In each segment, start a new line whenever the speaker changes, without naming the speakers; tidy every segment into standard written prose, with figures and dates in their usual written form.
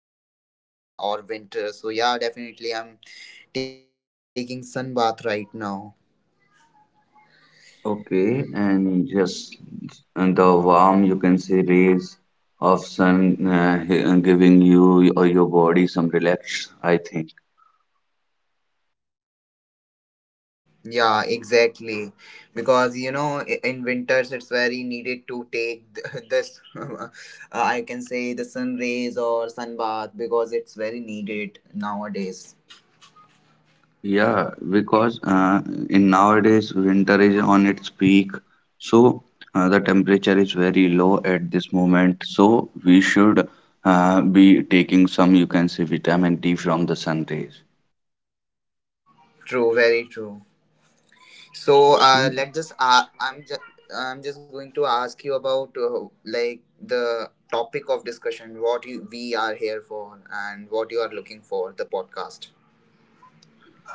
Sun in this cold weather or winter. So yeah, definitely, I'm taking sun bath right now.
Okay, and just and the warm you can say rays of sun giving you or your body some relax, I think.
Yeah, exactly, because in winters it's very needed to take this. uh, I can say the sun rays or sun bath because it's very needed nowadays.
Yeah, because in nowadays winter is on its peak, so the temperature is very low at this moment. So we should be taking some, you can say, vitamin D from the sun rays.
True, very true. So
So.
let just I'm just I'm just going to ask you about like the topic of discussion, we are here for, and what you are looking for the podcast.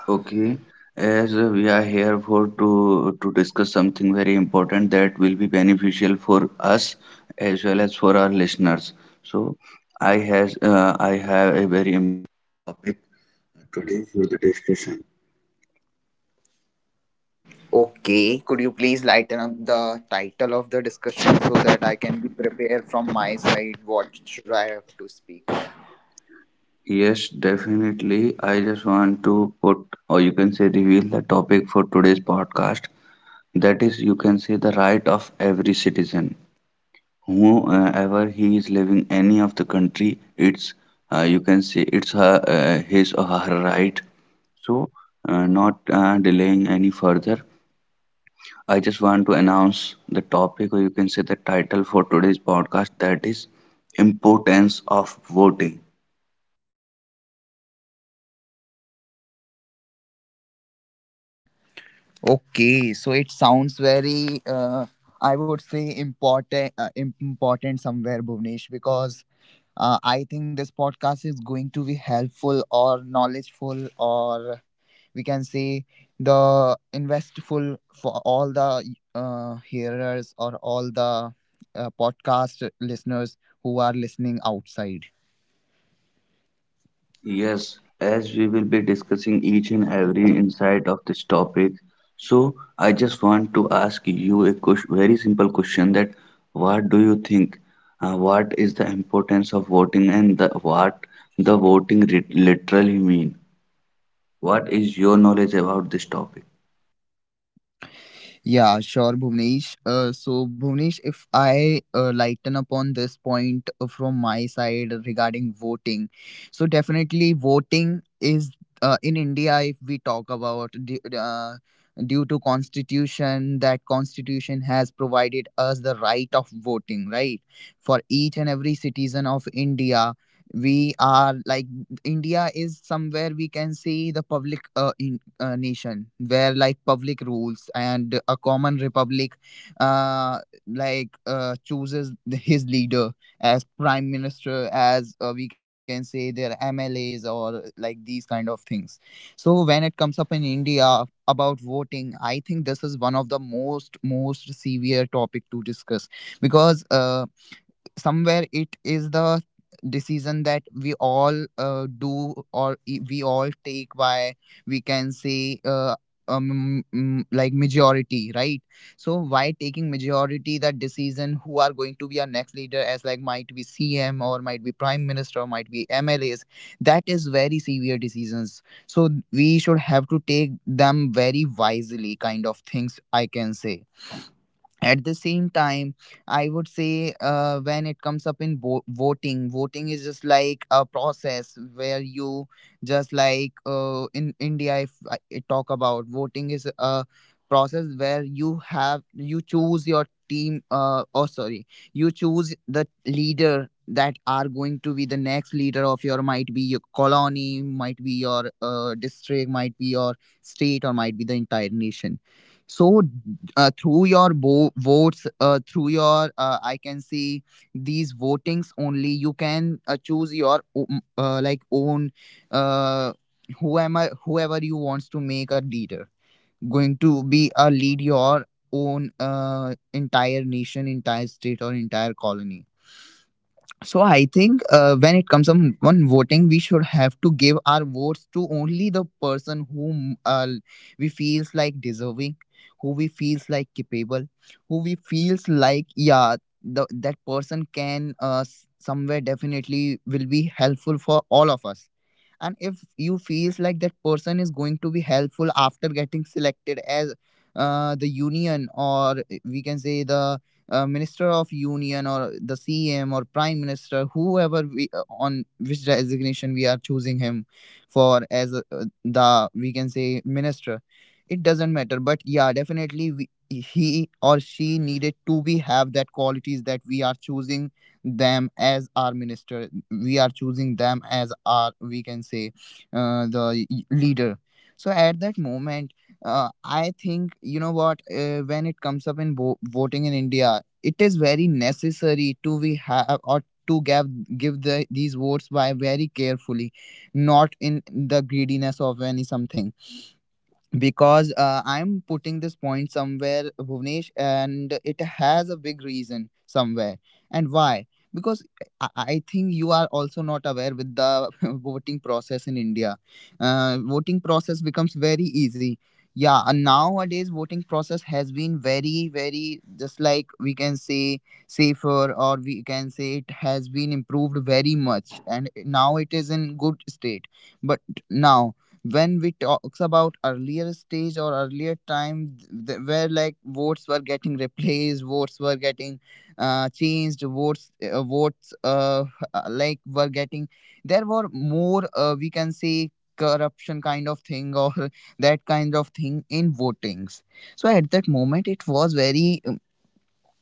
Okay, as we are here for to discuss something very important that will be beneficial for us as well as for our listeners. So I has
Okay, could you please lighten up the title of the discussion so that I can be prepared from my side? What should I have to speak?
yes, definitely. I just want to put, or you can say, reveal the topic for today's podcast. That is, you can say, the right of every citizen, whoever he is living any of the country. It's, you can say, it's her, his or her right. So, not delaying any further, I just want to announce the topic, or you can say, the title for today's podcast. That is, importance of voting.
Okay, so it sounds very, I would say important, important somewhere, Bhuvnesh, because I think this podcast is going to be helpful or knowledgeful, or we can say the investful, for all the hearers or all the podcast listeners who are listening outside.
Yes, as we will be discussing each and every insight of this topic, so I just want to ask you a very simple question that what do you what is the importance of voting and the, what the literally mean? What is your knowledge about this topic?
Yeah, sure, Bhuvnesh. So, Bhuvnesh, if I lighten upon this point from my side regarding voting, so definitely voting is in India. If we talk about due to constitution, that constitution has provided us the right of voting, right, for each and every citizen of India. We are like India is somewhere we can see the public in nation where like public rules and a common republic, uh, chooses his leader as prime minister, as we can say their mlas or like these kind of things. So when it comes up in india about voting, I think this is one of the most severe topic to discuss, because somewhere it is the decision that we all we all take. Why? We can say like majority, right? So why taking majority that decision, who are going to be our next leader, as like might be cm or might be prime minister or might be mlas. That is very severe decisions, so we should have to take them very wisely, kind of things I can say. At the same time, I would say, when it comes up in voting, voting is just like a process where you just like, in india, if I talk about, voting is a process where you choose your team oh sorry you choose the leader that are going to be the next leader of your, might be your colony, might be your district, might be your state, or might be the entire nation. So through your votes, through your, I can see, these votings only, you can choose your like own, uh, whoever you wants to make a leader, going to be a lead your own, entire nation, entire state, or entire colony. So I think when it comes on voting, we should have to give our votes to only the person whom, we feels like deserving, who we feels like capable, who we feels like, yeah, that person can, somewhere definitely will be helpful for all of us. And if you feels like that person is going to be helpful after getting selected as, the union, or we can say the minister of union, or the cm, or prime minister, whoever we, on which designation we are choosing him for, as the, we can say, minister. It doesn't matter, but yeah, definitely, he or she needed to be have that qualities that we are choosing them as our minister, we are choosing them as our, we can say, the leader. So at that moment, I think, you know what, when it comes up in bo voting in india, it is very necessary to we have, or to give these votes by very carefully, not in the greediness of any something, because I'm putting this point somewhere, Bhuvnesh, and it has a big reason somewhere. And why? Because I think you are also not aware with the voting process in India. Voting process becomes very easy. Yeah, and nowadays voting process has been very, very, just like we can say, safer, or we can say it has been improved very much, and now it is in good state. But now, when we talks about earlier stage or earlier time, where like votes were getting replaced, votes were getting changed, votes votes like were getting, there were more, we can say, corruption kind of thing, or that kind of thing in votings. So at that moment it was very,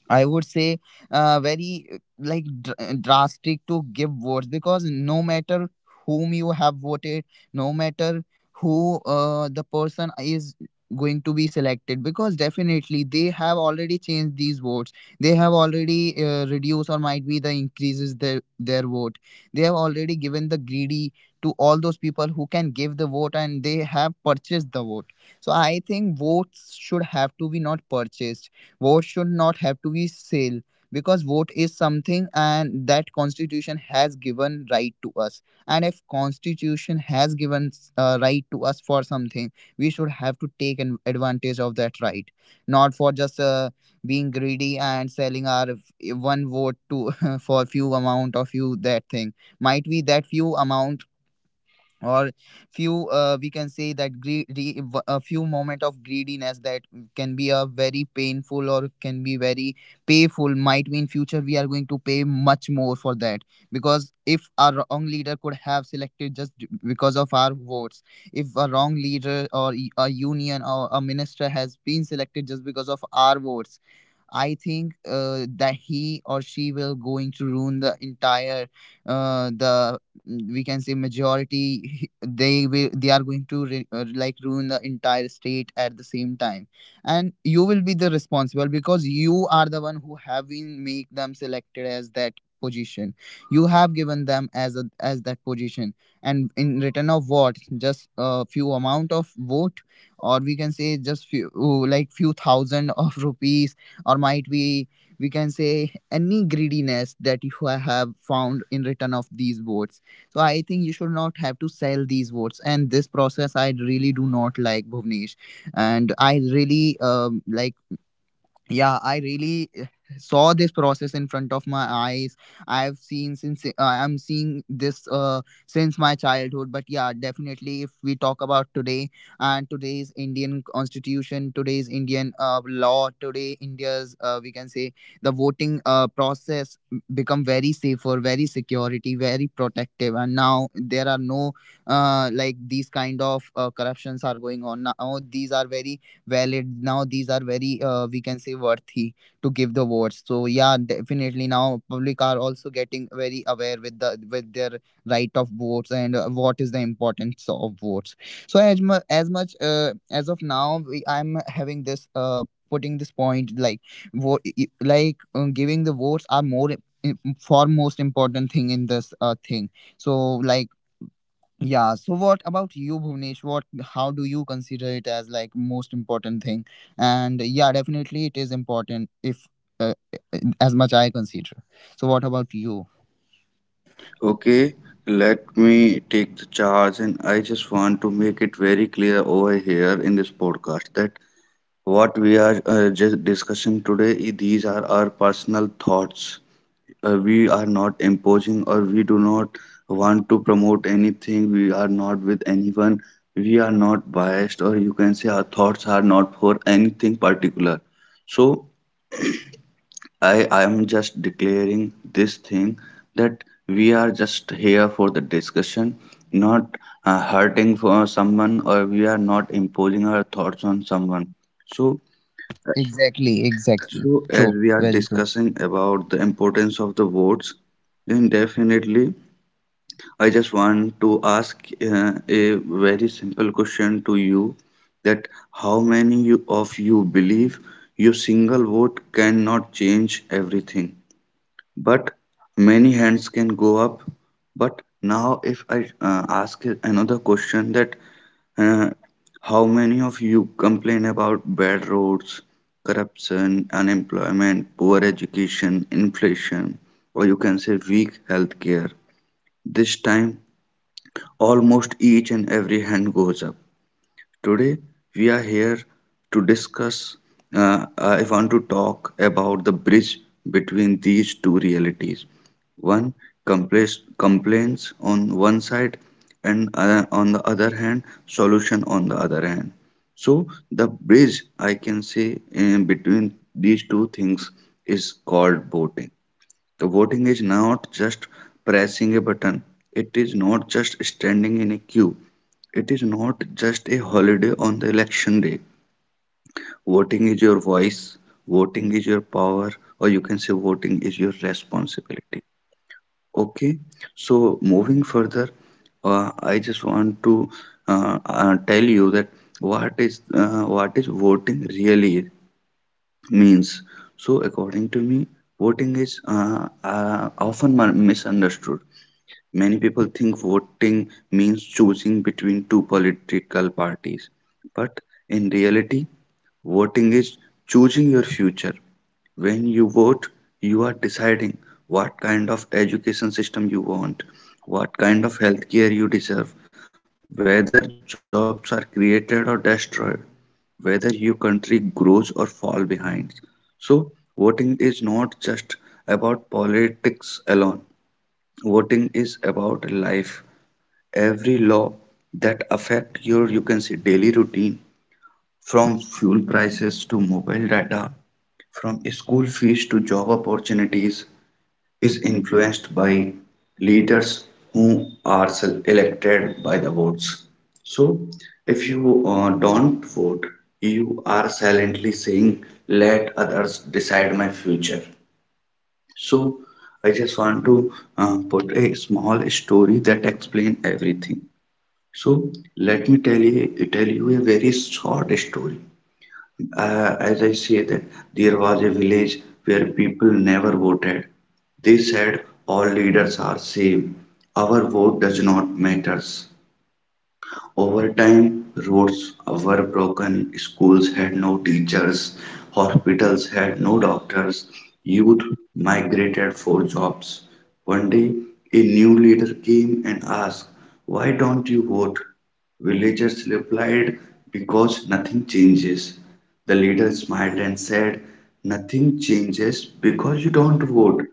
I would say, very, drastic to give votes, because no matter whom you have voted, no matter who, the person is going to be selected, because definitely they have already changed these votes, they have already reduced, or might be the increases their vote, they have already given the greedy to all those people who can give the vote, and they have purchased the vote. So I think votes should have to be not purchased, vote should not have to be sale, because vote is something and that constitution has given right to us. And if constitution has given right to us for something, we should have to take an advantage of that right, not for just being greedy and selling our one vote to for few amount or few that thing. Might be that few amount, or few, we can say, that gre- a few moment of greediness, that can be a very painful, or can be very payful, might be in future we are going to pay much more for that. Because if our wrong leader could have selected just because of our votes, if a wrong leader or a union or a minister has been selected just because of our votes, I think that he or she will going to ruin the entire, uh, the we can say, majority. They are going to like ruin the entire state at the same time, and you will be the responsible because you are the one who have been make them selected as that position. You have given them as a as that position, and in return of what? Just a few amount of vote, or we can say just few, like few thousand of rupees, or might be, we can say, any greediness that you have found in return of these votes. So I think you should not have to sell these votes, and this process I really do not like, Bhuvnesh. And I really, like, yeah, I really, saw this process in front of my eyes. I've seen since, I'm seeing this, since my childhood. But yeah, definitely, if we talk about today, and today's indian constitution, today's indian law, today india's, we can say, the voting process become very safer, very security, very protective, and now there are no like these kind of corruptions are going on. Now these are very valid, now these are very, we can say, worthy to give the votes. So yeah, definitely now public are also getting very aware with the with their right of votes, and what is the importance of votes. So as, as much, as of now, I'm having this, putting this point, like, vote, like, giving the votes are more foremost important thing in this thing. So like, yeah, so what about you, Bhuvnesh? What, how do you consider it as like most important thing? And yeah, definitely it is important, if as much I consider. So what about you?
Okay, let me take the charge and I just want to make it very clear over here in this podcast that what we are just discussing today, these are our personal thoughts. We are not imposing or we do not want to promote anything. We are not with anyone. We are not biased, or you can say our thoughts are not for anything particular. So, I am just declaring this thing that we are just here for the discussion, not hurting for someone, or we are not imposing our thoughts on someone. So,
Exactly, exactly.
so, as
True,
we are
very true.
discussing about the importance of the votes, then definitely I just want to ask a very simple question to you that how many you, of you believe your single vote cannot change everything? But many hands can go up. But now, if I ask another question that uh, how many of you complain about bad roads, corruption, unemployment, poor education, inflation, or you can say weak healthcare? This time, almost each and every hand goes up. Today we are here to discuss. I want to talk about the bridge between these two realities. One complaints on one side, and other, on the other hand, solution on the other hand. So the bridge I can say in between these two things is called voting. The voting is not just pressing a button. It is not just standing in a queue. It is not just a holiday on the election day. Voting is your voice, voting is your power, or you can say voting is your responsibility. Okay, so moving further, I just want to tell you that what is voting really means. So according to me, voting is often misunderstood. Many people think voting means choosing between two political parties, but in reality, voting is choosing your future. When you vote, you are deciding what kind of education system you want, what kind of healthcare you deserve, whether jobs are created or destroyed, whether your country grows or fall behind. So, voting is not just about politics alone. Voting is about life, every law that affect your, you can say, daily routine, from fuel prices to mobile data, from school fees to job opportunities, is influenced by leaders who are elected by the votes. So if you don't vote, you are silently saying let others decide my future. So I just want to put a small story that explain everything. So let me tell you a very short story. As I say that there was a village where people never voted. They said all leaders are same. Our vote does not matters. Over time, roads were broken, schools had no teachers, hospitals had no doctors, youth migrated for jobs. One day, a new leader came and asked, why don't you vote? Villagers replied, because nothing changes. The leader smiled and said, nothing changes because you don't vote.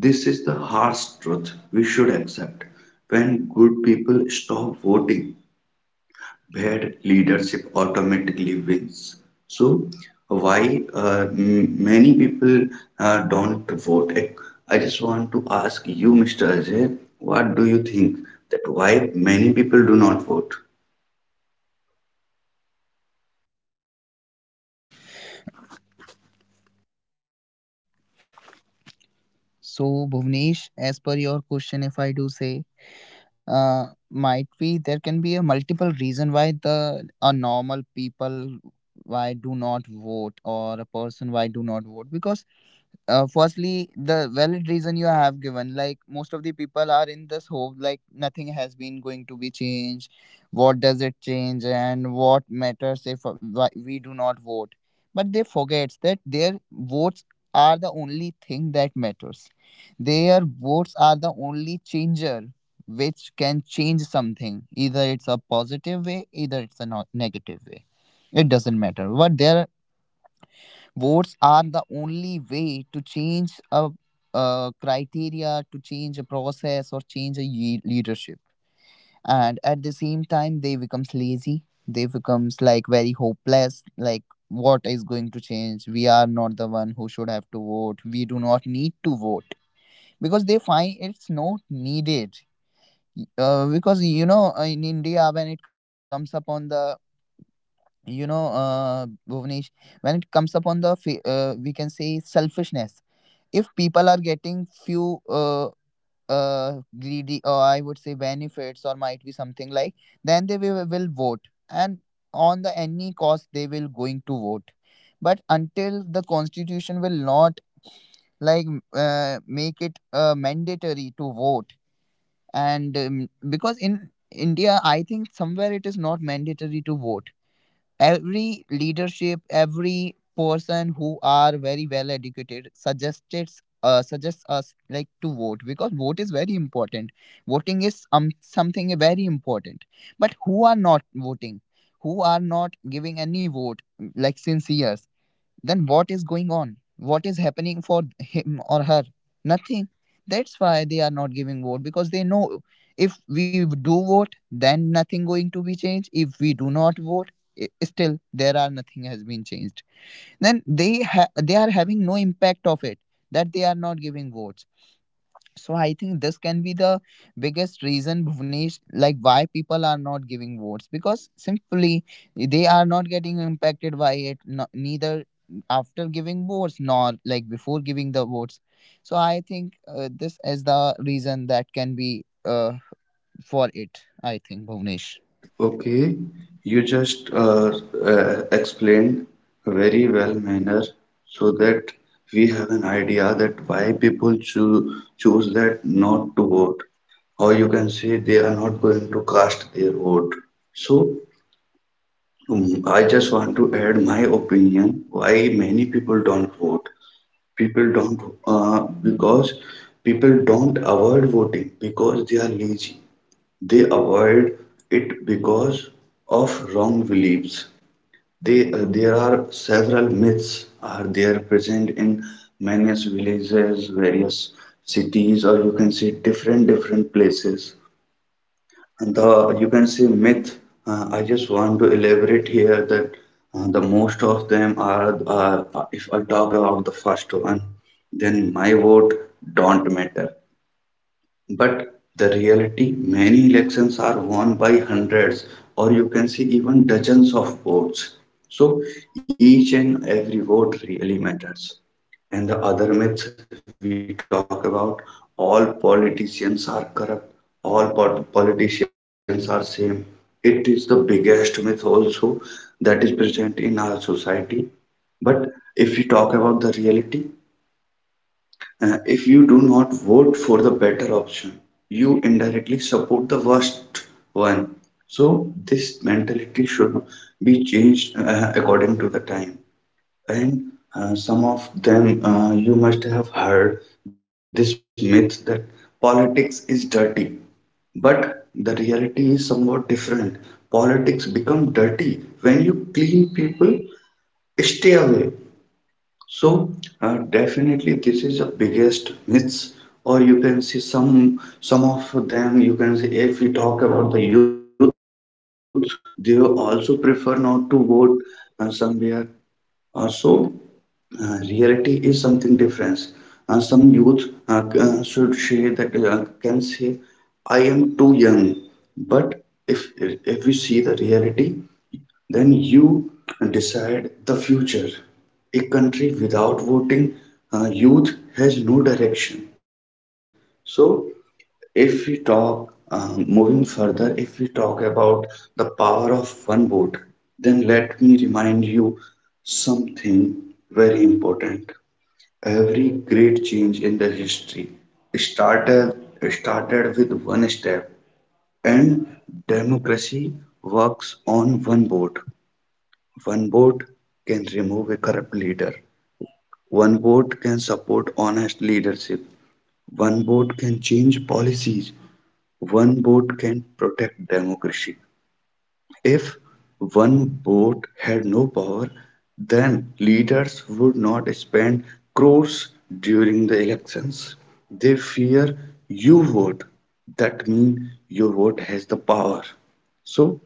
This is the harsh truth we should accept. When good people stop voting, where leadership automatically wins. So why many people don't vote? I just want to ask you, Mr. Ajay, what do you think that why many people do not vote?
So Bhuvnesh, as per your question, if I do say, might be there can be a multiple reason why the a normal people why do not vote or a person why do not vote because firstly the valid reason you have given like most of the people are in this hope like nothing has been going to be changed, what does it change and what matters if we do not vote. But they forgets that their votes are the only thing that matters. Their votes are the only changer which can change something, either it's a positive way either it's a negative way. It doesn't matter what their votes are, the only way to change a, criteria to change a process or change a leadership. And at the same time they becomes lazy, they becomes like very hopeless, like what is going to change, we are not the one who should have to vote, we do not need to vote, because they find it's not needed. Because you know in india when it comes upon the Bhuvnesh, when it comes upon the we can say selfishness, if people are getting few greedy or I would say benefits or might be something like, then they will vote, and on the any cost they will going to vote. But until the constitution will not like make it mandatory to vote, and because in india I think somewhere it is not mandatory to vote. Every leadership every person who are very well educated suggested suggests us like to vote because vote is very important. Voting is something very important. But who are not voting, who are not giving any vote like since years, then what is going on? What is happening for him or her? Nothing. That's why they are not giving vote, because they know if we do vote, then nothing going to be changed. If we do not vote, still there are nothing has been changed. Then they are having no impact of it, that they are not giving votes. So I think this can be the biggest reason Bhuvnesh, like why people are not giving votes because simply they are not getting impacted by it. No, neither after giving votes nor like before giving the votes. So I think this is the reason that can be for it. I think Bhuvnesh.
Okay, you just explained very well manner so that we have an idea that why people choose that not to vote, or you can say they are not going to cast their vote. So mm, I just want to add my opinion why many people don't vote. People don't because people don't avoid voting because they are lazy. They avoid it because of wrong beliefs. There are several myths are there present in many villages, various cities, or you can say different different places, the you can say myth. I just want to elaborate here that the most of them are if I talk about the first one, then my vote don't matter. But the reality, many elections are won by hundreds, or you can say even dozens of votes. So each and every vote really matters. And the other myths we talk about, all politicians are corrupt, all politicians are same. It is the biggest myth also that is present in our society. But if we talk about the reality, if you do not vote for the better option, you indirectly support the worst one. So this mentality should be changed according to the time. And some of them, you must have heard this myth that politics is dirty. But the reality is somewhat different. Politics become dirty when you clean people stay away. So definitely this is the biggest myths, or you can see some of them you can see if we talk about the youth, they also prefer not to vote somewhere. Uh, so reality is something different. Some youth should say that can say, "I am too young." But if we see the reality, then you decide the future. A country without voting youth has no direction. So if we talk, moving further, if we talk about the power of one vote, then let me remind you something very important. Every great change in the history started started with one step, and democracy works on one vote. One vote can remove a corrupt leader. One vote can support honest leadership. One vote can change policies. One vote can protect democracy. If one vote had no power, then leaders would not spend crores during the elections. They fear you vote. That means your vote has the power. So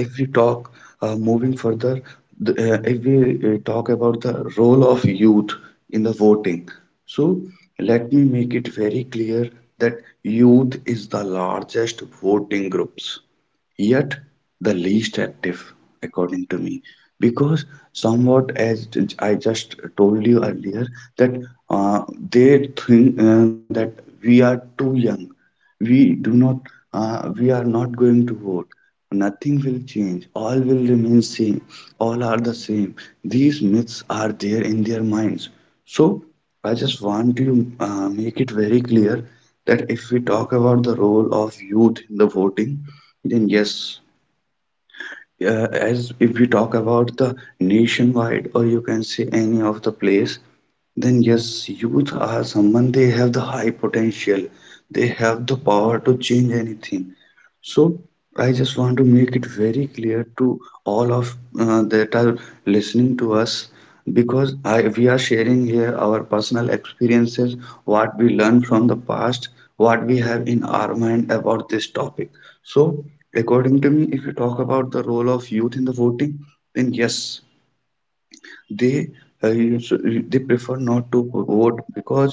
if we talk moving further, the, if we talk about the role of youth in the voting, so let me make it very clear that youth is the largest voting groups, yet the least active, according to me, because somewhat as I just told you earlier that uh, they think that we are too young, we do not we are not going to vote. Nothing will change. All will remain same. All are the same. These myths are there in their minds. So I just want to make it very clear that if we talk about the role of youth in the voting, then yes, uh, as if we talk about the nationwide, or you can say any of the place, then yes, youth are someone they have the high, they have the power to change anything. So I just want to make it very clear to all of that are listening to us because I we are sharing here our personal experiences, what we learned from the past, what we have in our mind about this topic. So according to me, if you talk about the role of youth in the voting, then yes, they uh, us- they prefer not to vote because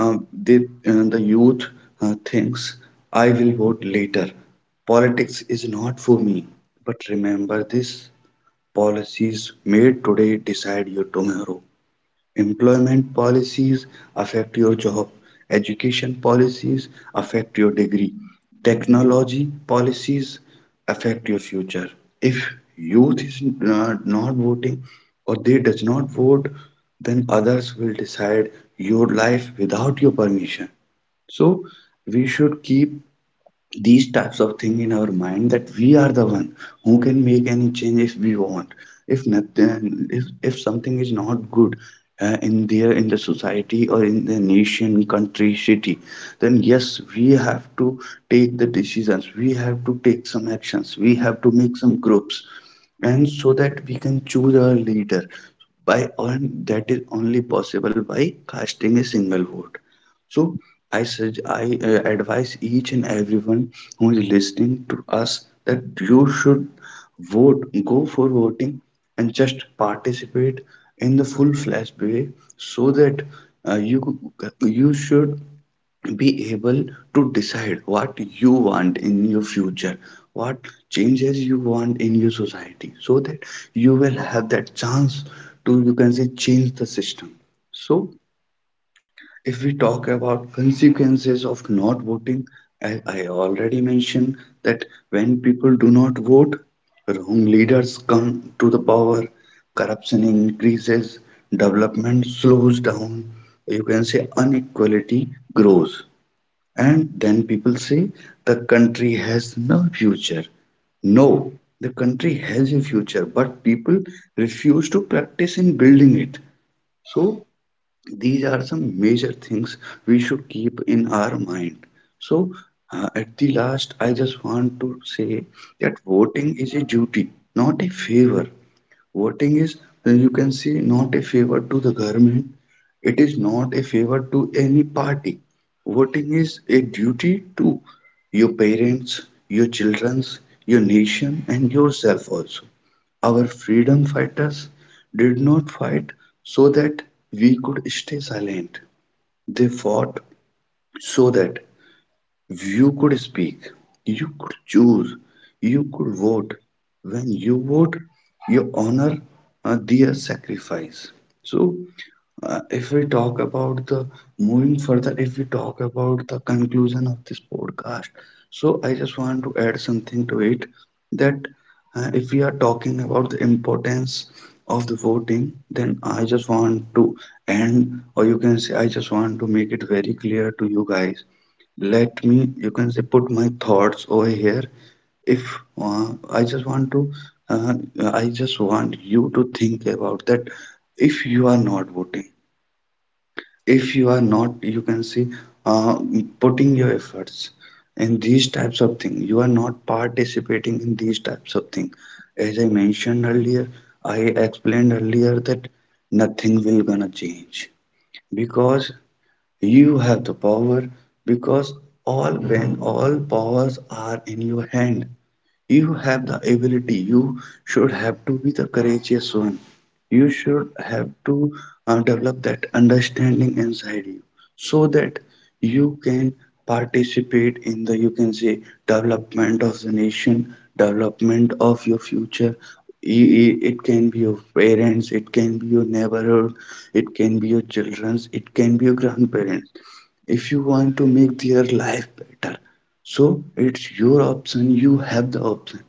they the youth thinks I will vote later. Politics is not for me. But remember this: policies made today decide your tomorrow. Employment policies affect your job. Education policies affect your degree. Technology policies affect your future. If youth is not voting, or they does not vote, then others will decide your life without your permission. So we should keep these types of thing in our mind that we are the one who can make any change if we want if something is not good, in there in the society or in the nation, country, city, then yes, we have to take the decisions, we have to take some actions, we have to make some groups and so that we can choose our leader by and that is only possible by casting a single vote. So I advise each and everyone who is listening to us that you should vote, go for voting, and just participate in the full-fledged way, so that uh, you you should be able to decide what you want in your future, what changes you want in your society, so that you will have that chance to, you can say, change the system. So if we talk about consequences of not voting, as I already mentioned, that when people do not vote, wrong leaders come to the power, corruption increases, development slows down, you can say inequality grows. And then people say the country has no future. No, the country has a future, but people refuse to practice in building it. So these are some major things we should keep in our mind. So at the last I just want to say that voting is a duty, not a favor. Voting is, you can say, not a favor to the government, it is not a favor to any party. Voting is a duty to your parents, your children's, your nation and yourself also. Our freedom fighters did not fight so that we could stay silent. They fought so that you could speak, you could choose, you could vote. When you vote, you honor their sacrifice. So, if we talk about the moving further, if we talk about the conclusion of this podcast, so I just want to add something to it, that if we are talking about the importance of the voting, then I just want to end, or you can say, I just want to make it very clear to you guys, let me, you can say, put my thoughts over here. If uh, i just want to uh, i just want you to think about that if you are not voting, if you are not, you can see, uh, putting your efforts in these types of things, you are not participating in these types of things. As I mentioned earlier, I explained earlier that nothing will gonna change, because you have the power, because all when all powers are in your hand. You have the ability. You should have to be the courageous one. You should have to develop that understanding inside you, so that you can participate in the, you can say, development of the nation, development of your future. It can be your parents, it can be your neighborhood, it can be your children's, it can be your grandparents. If you want to make their life better, so it's your option, you have the option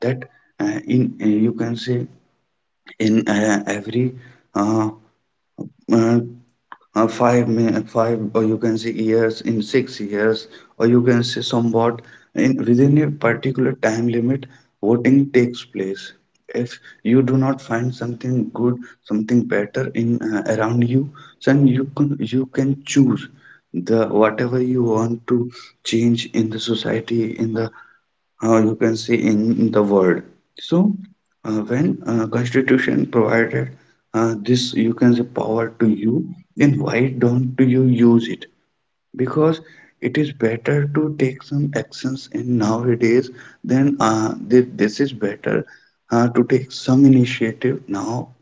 that in you can say, in every uh, uh, five min- five, or you can say years, in 6 years, or you can say somewhat, in within a particular time limit, voting takes place. If you do not find something good, something better in, around you, then you can choose the whatever you want to change in the society, in the, you can see, in the world. So when constitution provided this, you can say, power to you, then why don't you use it? Because it is better to take some actions in nowadays than, this is better to take some initiative now,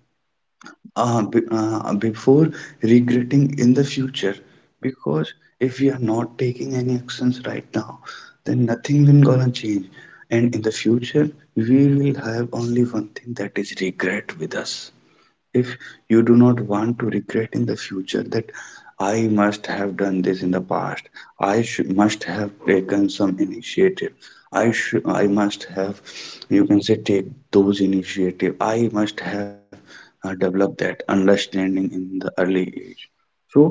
before regretting in the future. Because if we are not taking any actions right now, then nothing will gonna change, and in the future we will have only one thing, that is regret with us. If you do not want to regret in the future that I must have done this in the past, I should must have taken some initiative, I must have, you can say, take those initiative, I must have developed that understanding in the early age. So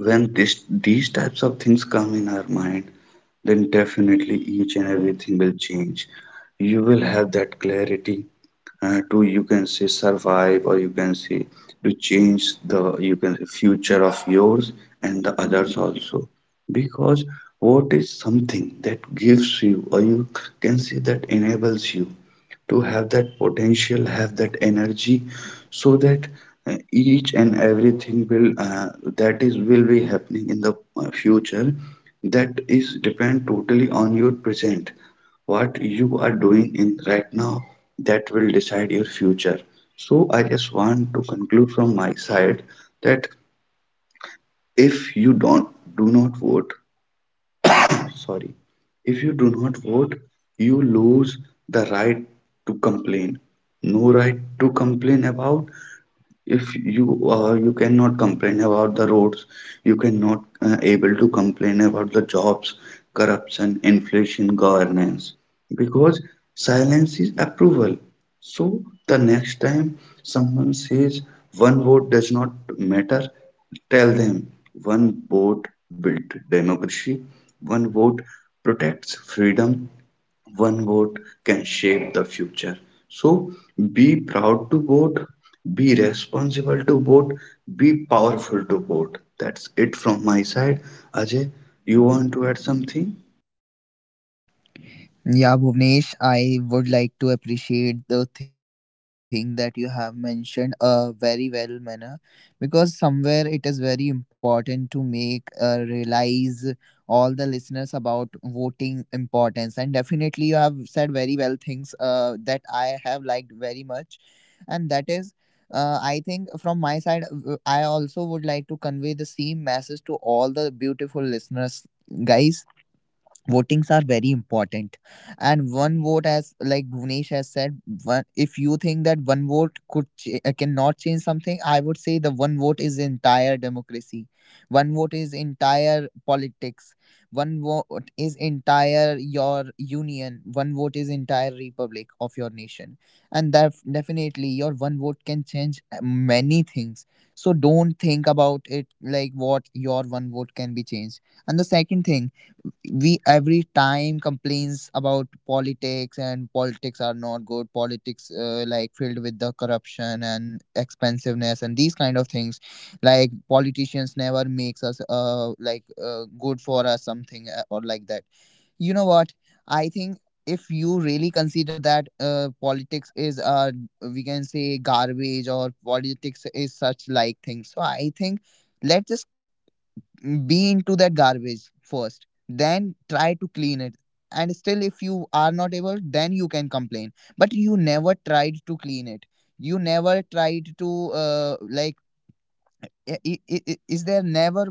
when this these types of things come in our mind, then definitely each and everything will change. You will have that clarity to, you can say, survive, or you can say, to change the, you can say, future of yours and the others also. Because what is something that gives you, or you can say, that enables you to have that potential, have that energy, so that each and everything will, that is, will be happening in the, future, that is depend totally on your present. What you are doing in right now, that will decide your future. So I just want to conclude from my side that if you don't, do not vote, sorry, if you do not vote, you lose the right to complain. No right to complain about, if you, you cannot complain about the roads, you cannot able to complain about the jobs, corruption, inflation, governance, because silence is approval. So the next time someone says one vote does not matter, tell them one vote built democracy, one vote protects freedom, one vote can shape the future. So be proud to vote, be responsible to vote, be powerful to vote. That's it from my side. Ajay, you want to add something?
Yeah, Bhuvnesh, I would like to appreciate the thing that you have mentioned very well manner, because somewhere it is very important to make realize all the listeners about voting importance, and definitely you have said very well things that I have liked very much. And that is I think from my side I also would like to convey the same message to all the beautiful listeners. Guys, votings are very important, and one vote, as like bhuvnesh has said, one, if you think that one vote cannot change something, I would say the one vote is entire democracy, one vote is entire politics, one vote is entire your union, one vote is entire republic of your nation. And that definitely your one vote can change many things. So don't think about it like what your one vote can be changed. And the second thing, we every time complains about politics and politics are not good, politics like filled with the corruption and expensiveness and these kind of things, like politicians never makes us good for us something or like that. You know what, I think if you really consider that politics is we can say garbage, or politics is such like thing, so I think let's just be into that garbage first, then try to clean it. And still if you are not able, then you can complain. But you never tried to clean it, you never tried to like is there never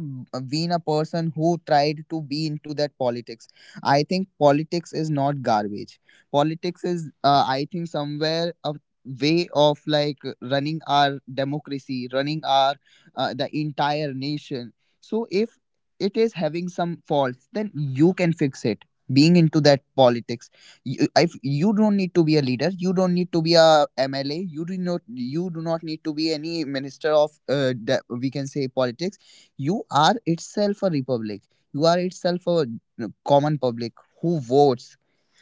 been a person who tried to be into that politics. I think politics is not garbage. Politics is I think somewhere a way of like running our democracy, running our the entire nation. So if it is having some faults, then you can fix it being into that politics. You, if you don't need to be a leader, you don't need to be a MLA, you do not need to be any minister of we can say politics. You are itself a republic, you are itself a common public who votes,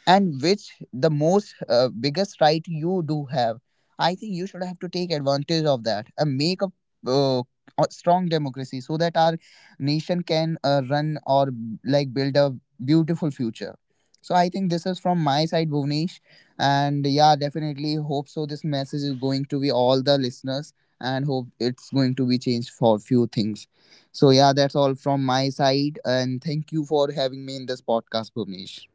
and which the most biggest right you do have. I think you should have to take advantage of that and make uh, a strong democracy so that our nation can run or like build a beautiful future. So I think this is from my side, Bhuvnesh. And yeah, definitely hope so. This message is going to be all the listeners, and hope it's going to be changed for few things. So yeah, that's all from my side. And thank you for having me in this podcast, Bhuvnesh.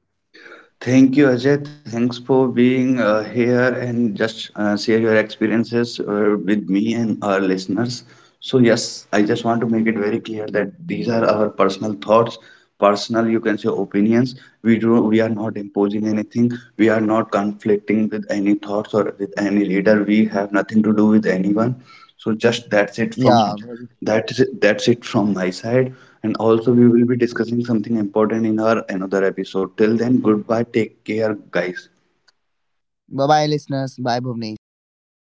Thank you, Ajay. Thanks for being here and just share your experiences with me and our listeners. So, yes, I just want to make it very clear that these are our personal thoughts, personal, you can say, opinions. We are not imposing anything. We are not conflicting with any thoughts or with any leader. We have nothing to do with anyone. So, just that's it
Yeah.
from, that's it from my side. And also, we will be discussing something important in our another episode. Till then, goodbye. Take care, guys.
Bye bye listeners. Bye Bhuvnesh. Take care.